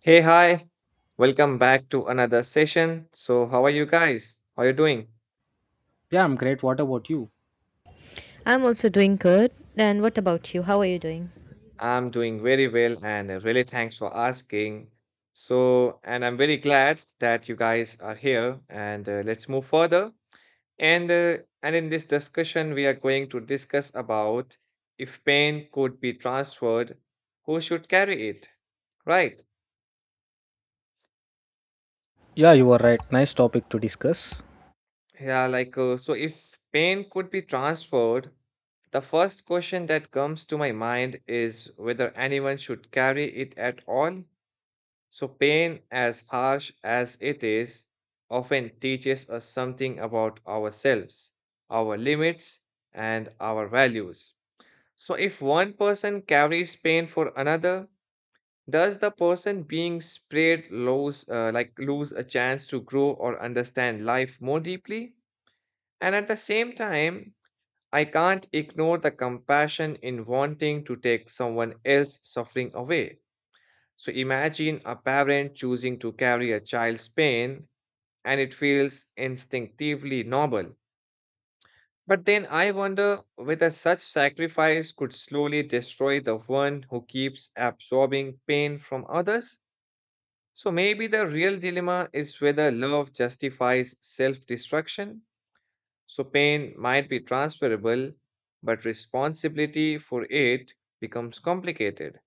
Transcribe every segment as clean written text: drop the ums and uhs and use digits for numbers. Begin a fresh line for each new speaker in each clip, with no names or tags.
Hey, hi. Welcome back to another session. So, how are you guys? How are you doing?
Yeah, I'm great. What about you?
I'm also doing good. And what about you? How are you doing?
I'm doing very well and really thanks for asking. So, and I'm very glad that you guys are here and let's move further. And uh, and in this discussion we are going to discuss about if pain could be transferred, who should carry it? Right?
Yeah, you are right. Nice topic to discuss.
Yeah, like, so if pain could be transferred, the first question that comes to my mind is whether anyone should carry it at all. So, pain, as harsh as it is, often teaches us something about ourselves, our limits, and our values. So, if one person carries pain for another, does the person being sprayed lose, lose a chance to grow or understand life more deeply? And at the same time, I can't ignore the compassion in wanting to take someone else's suffering away. So imagine a parent choosing to carry a child's pain and it feels instinctively noble. But then I wonder whether such sacrifice could slowly destroy the one who keeps absorbing pain from others. So maybe the real dilemma is whether love justifies self destruction. So pain might be transferable, but responsibility for it becomes complicated,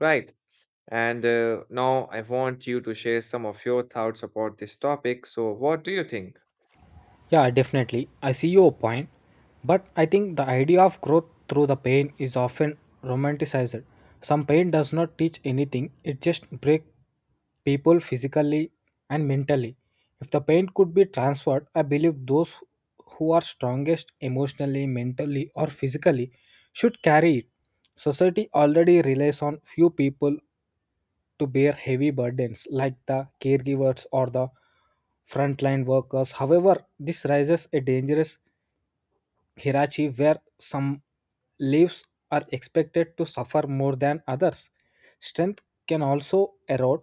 right? And now I want you to share some of your thoughts about this topic. So, what do you think?
Yeah, definitely. I see your point, but I think the idea of growth through the pain is often romanticized. Some pain does not teach anything, it just breaks people physically and mentally. If the pain could be transferred, I believe those who are strongest emotionally, mentally, or physically should carry it. Society already relies on few people to bear heavy burdens like the caregivers or the frontline workers. However, this raises a dangerous hierarchy where some leaves are expected to suffer more than others. Strength can also erode,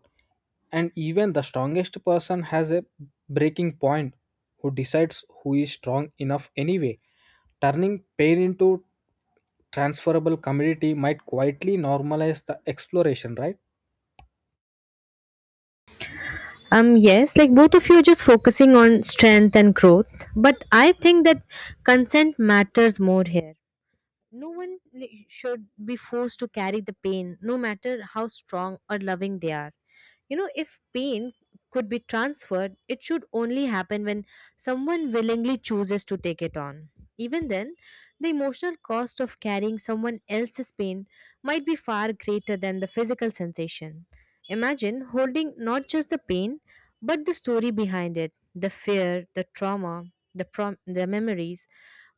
and even the strongest person has a breaking point who decides who is strong enough anyway. Turning pain into transferable commodity might quietly normalize the exploration, right?
Yes, like both of you are just focusing on strength and growth, but I think that consent matters more here. No one li- should be forced to carry the pain, no matter how strong or loving they are. You know, if pain could be transferred, it should only happen when someone willingly chooses to take it on. Even then, the emotional cost of carrying someone else's pain might be far greater than the physical sensation. Imagine holding not just the pain, but the story behind it, the fear, the trauma, the memories,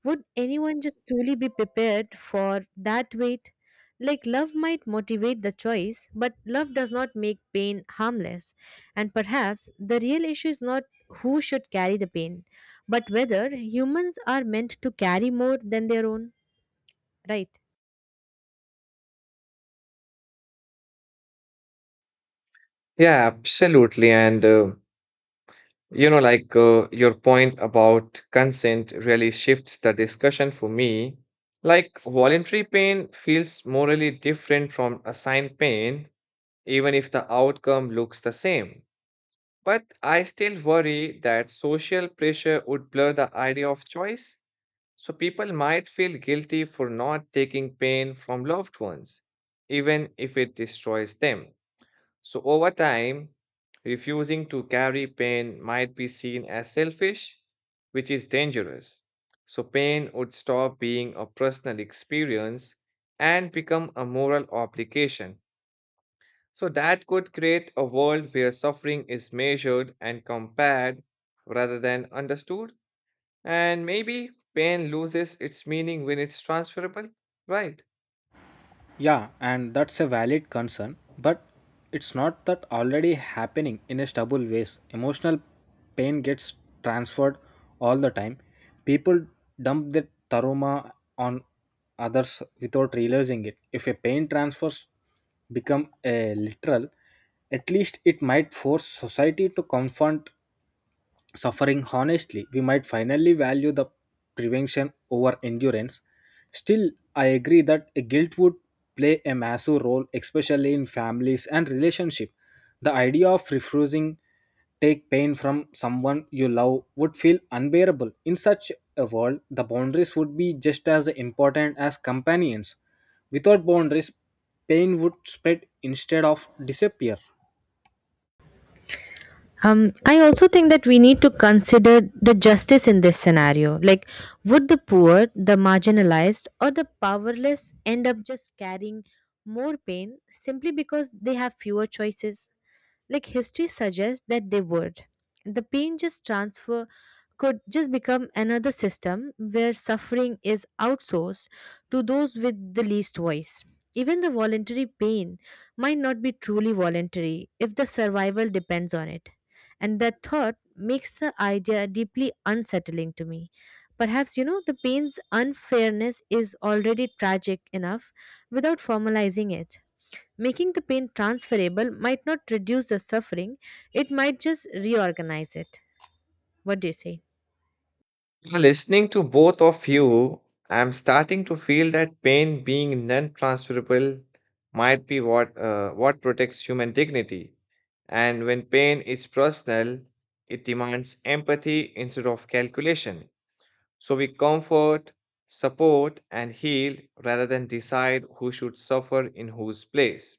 would anyone just truly be prepared for that weight? Like, love might motivate the choice, but love does not make pain harmless. And perhaps the real issue is not who should carry the pain, but whether humans are meant to carry more than their own, right?
Yeah, absolutely. And you know, like your point about consent really shifts the discussion for me. Like, voluntary pain feels morally different from assigned pain, even if the outcome looks the same. But I still worry that social pressure would blur the idea of choice, so people might feel guilty for not taking pain from loved ones, even if it destroys them. So, over time, refusing to carry pain might be seen as selfish, which is dangerous. So, pain would stop being a personal experience and become a moral obligation. So that could create a world where suffering is measured and compared rather than understood. And maybe pain loses its meaning when it's transferable. Right.
Yeah, and that's a valid concern, but it's not that already happening in a stubble ways. Emotional pain gets transferred all the time. People dump their trauma on others without realizing it. If a pain transfers become a literal, at least it might force society to confront suffering honestly, we might finally value the prevention over endurance. Still, I agree that a guilt would play a massive role, especially in families and relationship. The idea of refusing take pain from someone you love would feel unbearable. In such a world, the boundaries would be just as important as companions. Without boundaries, pain would spread instead of disappear.
I also think that we need to consider the justice in this scenario. Like, would the poor, the marginalized, or the powerless end up just carrying more pain simply because they have fewer choices? Like history suggests that they would. The pain just transfer could just become another system where suffering is outsourced to those with the least voice. Even the voluntary pain might not be truly voluntary if the survival depends on it, and that thought makes the idea deeply unsettling to me. Perhaps, you know, the pain's unfairness is already tragic enough without formalizing it. Making the pain transferable might not reduce the suffering, it might just reorganize it. What do you say?
Yeah, listening to both of you, I'm starting to feel that pain being non-transferable might be what protects human dignity. And when pain is personal, it demands empathy instead of calculation. So we comfort, support, and heal rather than decide who should suffer in whose place.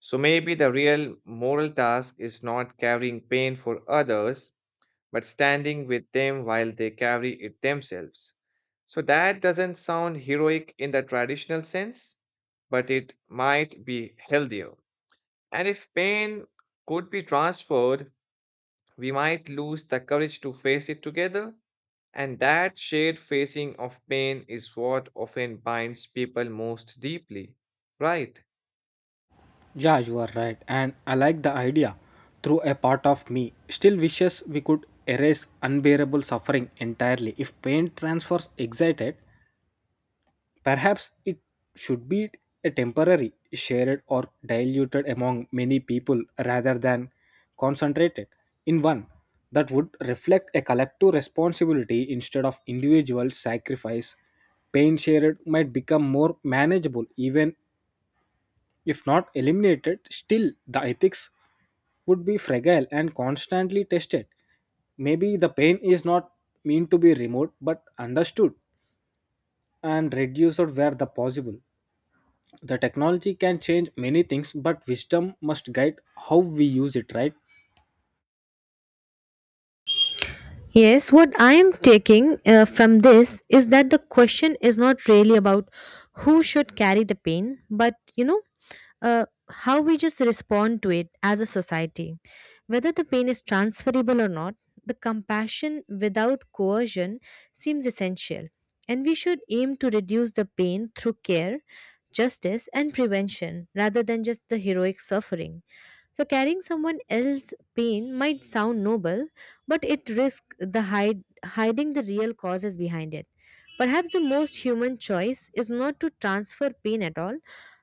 So maybe the real moral task is not carrying pain for others, but standing with them while they carry it themselves. So that doesn't sound heroic in the traditional sense, but it might be healthier. And if pain could be transferred, we might lose the courage to face it together, and that shared facing of pain is what often binds people most deeply. Right?
Yeah, you are right. And I like the idea. Through a part of me still wishes we could erase unbearable suffering entirely. If pain transfers excited, perhaps it should be a temporary, shared, or diluted among many people rather than concentrated in one. That would reflect a collective responsibility instead of individual sacrifice. Pain shared might become more manageable, even if not eliminated. Still, the ethics would be fragile and constantly tested. Maybe the pain is not meant to be removed but understood and reduced where the possible. The technology can change many things, but wisdom must guide how we use it, right?
Yes, what I am taking from this is that the question is not really about who should carry the pain, but, you know, uh, how we just respond to it as a society. Whether the pain is transferable or not, the compassion without coercion seems essential, and we should aim to reduce the pain through care, justice, and prevention rather than just the heroic suffering. So, carrying someone else's pain might sound noble, but it risks hiding the real causes behind it. Perhaps the most human choice is not to transfer pain at all,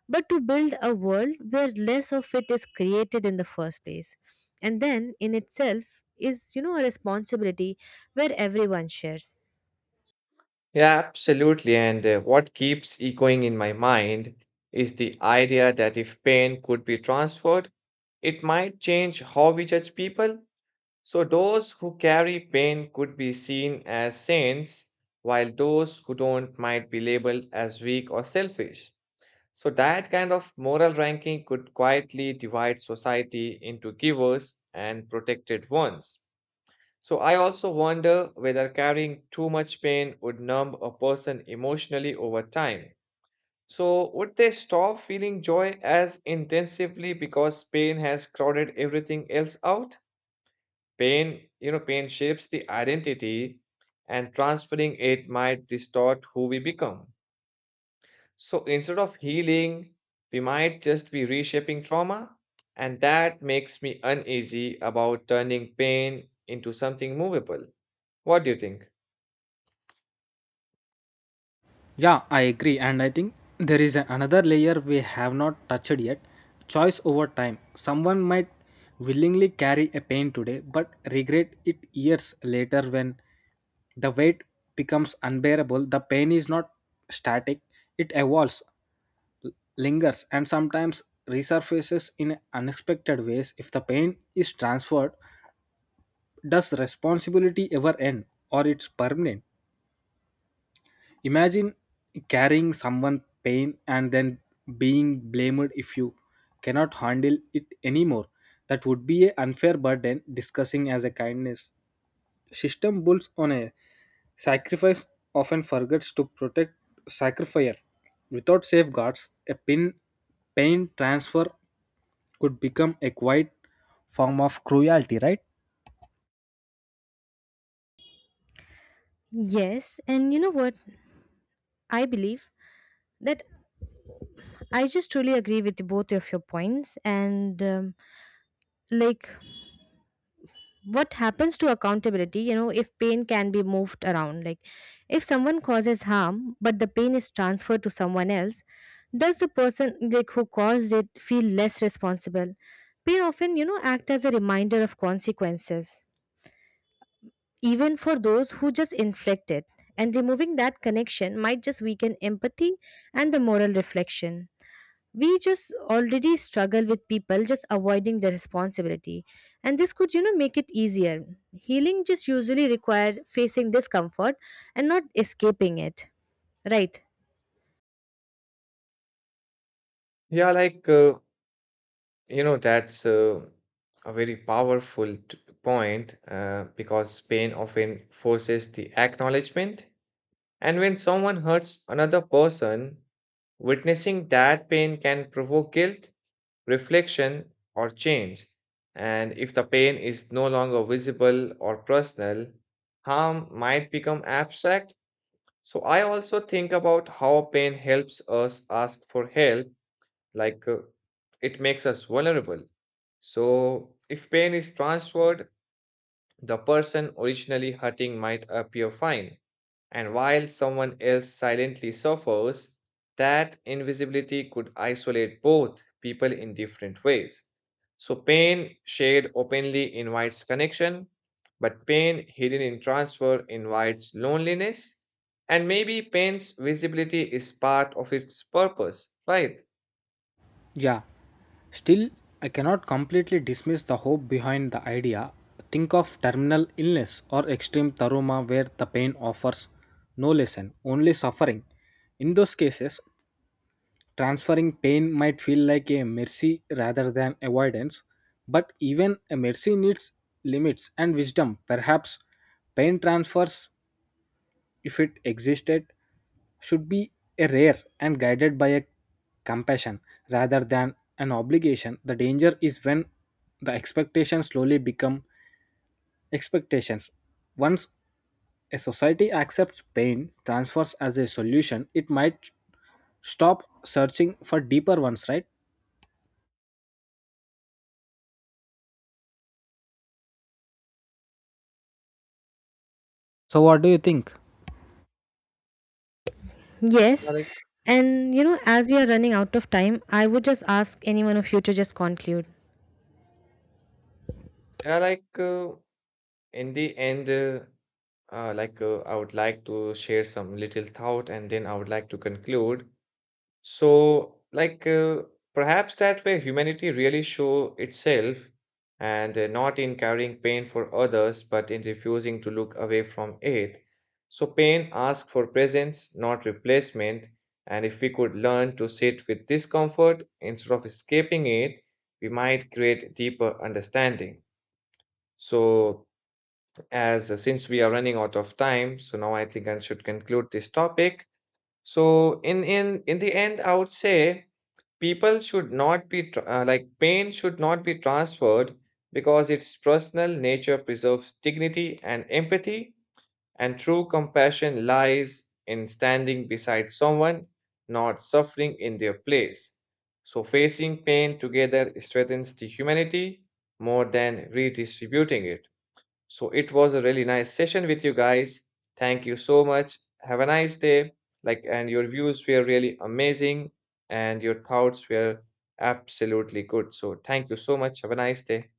but to build a world where less of it is created in the first place, and then in itself is, you know, a responsibility where everyone shares.
Yeah, absolutely. And what keeps echoing in my mind is the idea that if pain could be transferred, it might change how we judge people. So, those who carry pain could be seen as saints, while those who don't might be labeled as weak or selfish. So that kind of moral ranking could quietly divide society into givers and protected ones. So I also wonder whether carrying too much pain would numb a person emotionally over time. So would they stop feeling joy as intensively because pain has crowded everything else out? Pain shapes the identity and transferring it might distort who we become. So instead of healing, we might just be reshaping trauma, and that makes me uneasy about turning pain into something movable. What do you think?
Yeah, I agree. And I think there is another layer we have not touched yet, choice over time. Someone might willingly carry a pain today, but regret it years later when the weight becomes unbearable. The pain is not static, it evolves, lingers, and sometimes resurfaces in unexpected ways. If the pain is transferred, does responsibility ever end or it's permanent? Imagine carrying someone pain and then being blamed if you cannot handle it anymore. That would be an unfair burden discussing as a kindness. System builds on a sacrifice often forgets to protect sacrificer. Without safeguards, a pin pain transfer could become a quiet form of cruelty, right?
Yes, and you know what, I believe that I just truly agree with both of your points. And like, what happens to accountability, you know, if pain can be moved around? Like, if someone causes harm but the pain is transferred to someone else, does the person, like, who caused it feel less responsible? Pain often, you know, act as a reminder of consequences, even for those who just inflict it. And removing that connection might just weaken empathy and the moral reflection. We just already struggle with people just avoiding the responsibility, and this could, you know, make it easier. Healing just usually require facing discomfort and not escaping it, right?
Yeah, like, you know, that's a very point because pain often forces the acknowledgement. And when someone hurts another person, witnessing that pain can provoke guilt reflection, or change. And if the pain is no longer visible or personal, harm might become abstract. So I also think about how pain helps us ask for help, like it makes us vulnerable. So if pain is transferred, the person originally hurting might appear fine, and while someone else silently suffers, that invisibility could isolate both people in different ways. So, pain shared openly invites connection, but pain hidden in transfer invites loneliness. And maybe pain's visibility is part of its purpose, right?
Yeah, still, I cannot completely dismiss the hope behind the idea. Think of terminal illness or extreme trauma where the pain offers no lesson, only suffering. In those cases, transferring pain might feel like a mercy rather than avoidance, but even a mercy needs limits and wisdom. Perhaps pain transfers, if it existed, should be a rare and guided by a compassion rather than an obligation. The danger is when the expectations slowly become expectations. Once a society accepts pain transfers as a solution, it might stop searching for deeper ones, right? So, what do you think?
Yeah,
Yes.
like,
And, you know, as we are running out of time, I would just ask any one of you to just conclude.
yeah, like in the end, like I would like to share some little thought and then I would like to conclude. So, perhaps that way humanity really show itself and not in carrying pain for others, but in refusing to look away from it. So pain asks for presence, not replacement. And if we could learn to sit with discomfort instead of escaping it, we might create deeper understanding. So as since we are running out of time, so now I think I should conclude this topic. So in the end I would say people should not be pain should not be transferred because its personal nature preserves dignity and empathy, and true compassion lies in standing beside someone, not suffering in their place. So facing pain together strengthens the humanity more than redistributing it. So it was a really nice session with you guys. Thank you so much. Have a nice day. Like, and your views were really amazing, and your thoughts were absolutely good. So thank you so much. Have a nice day.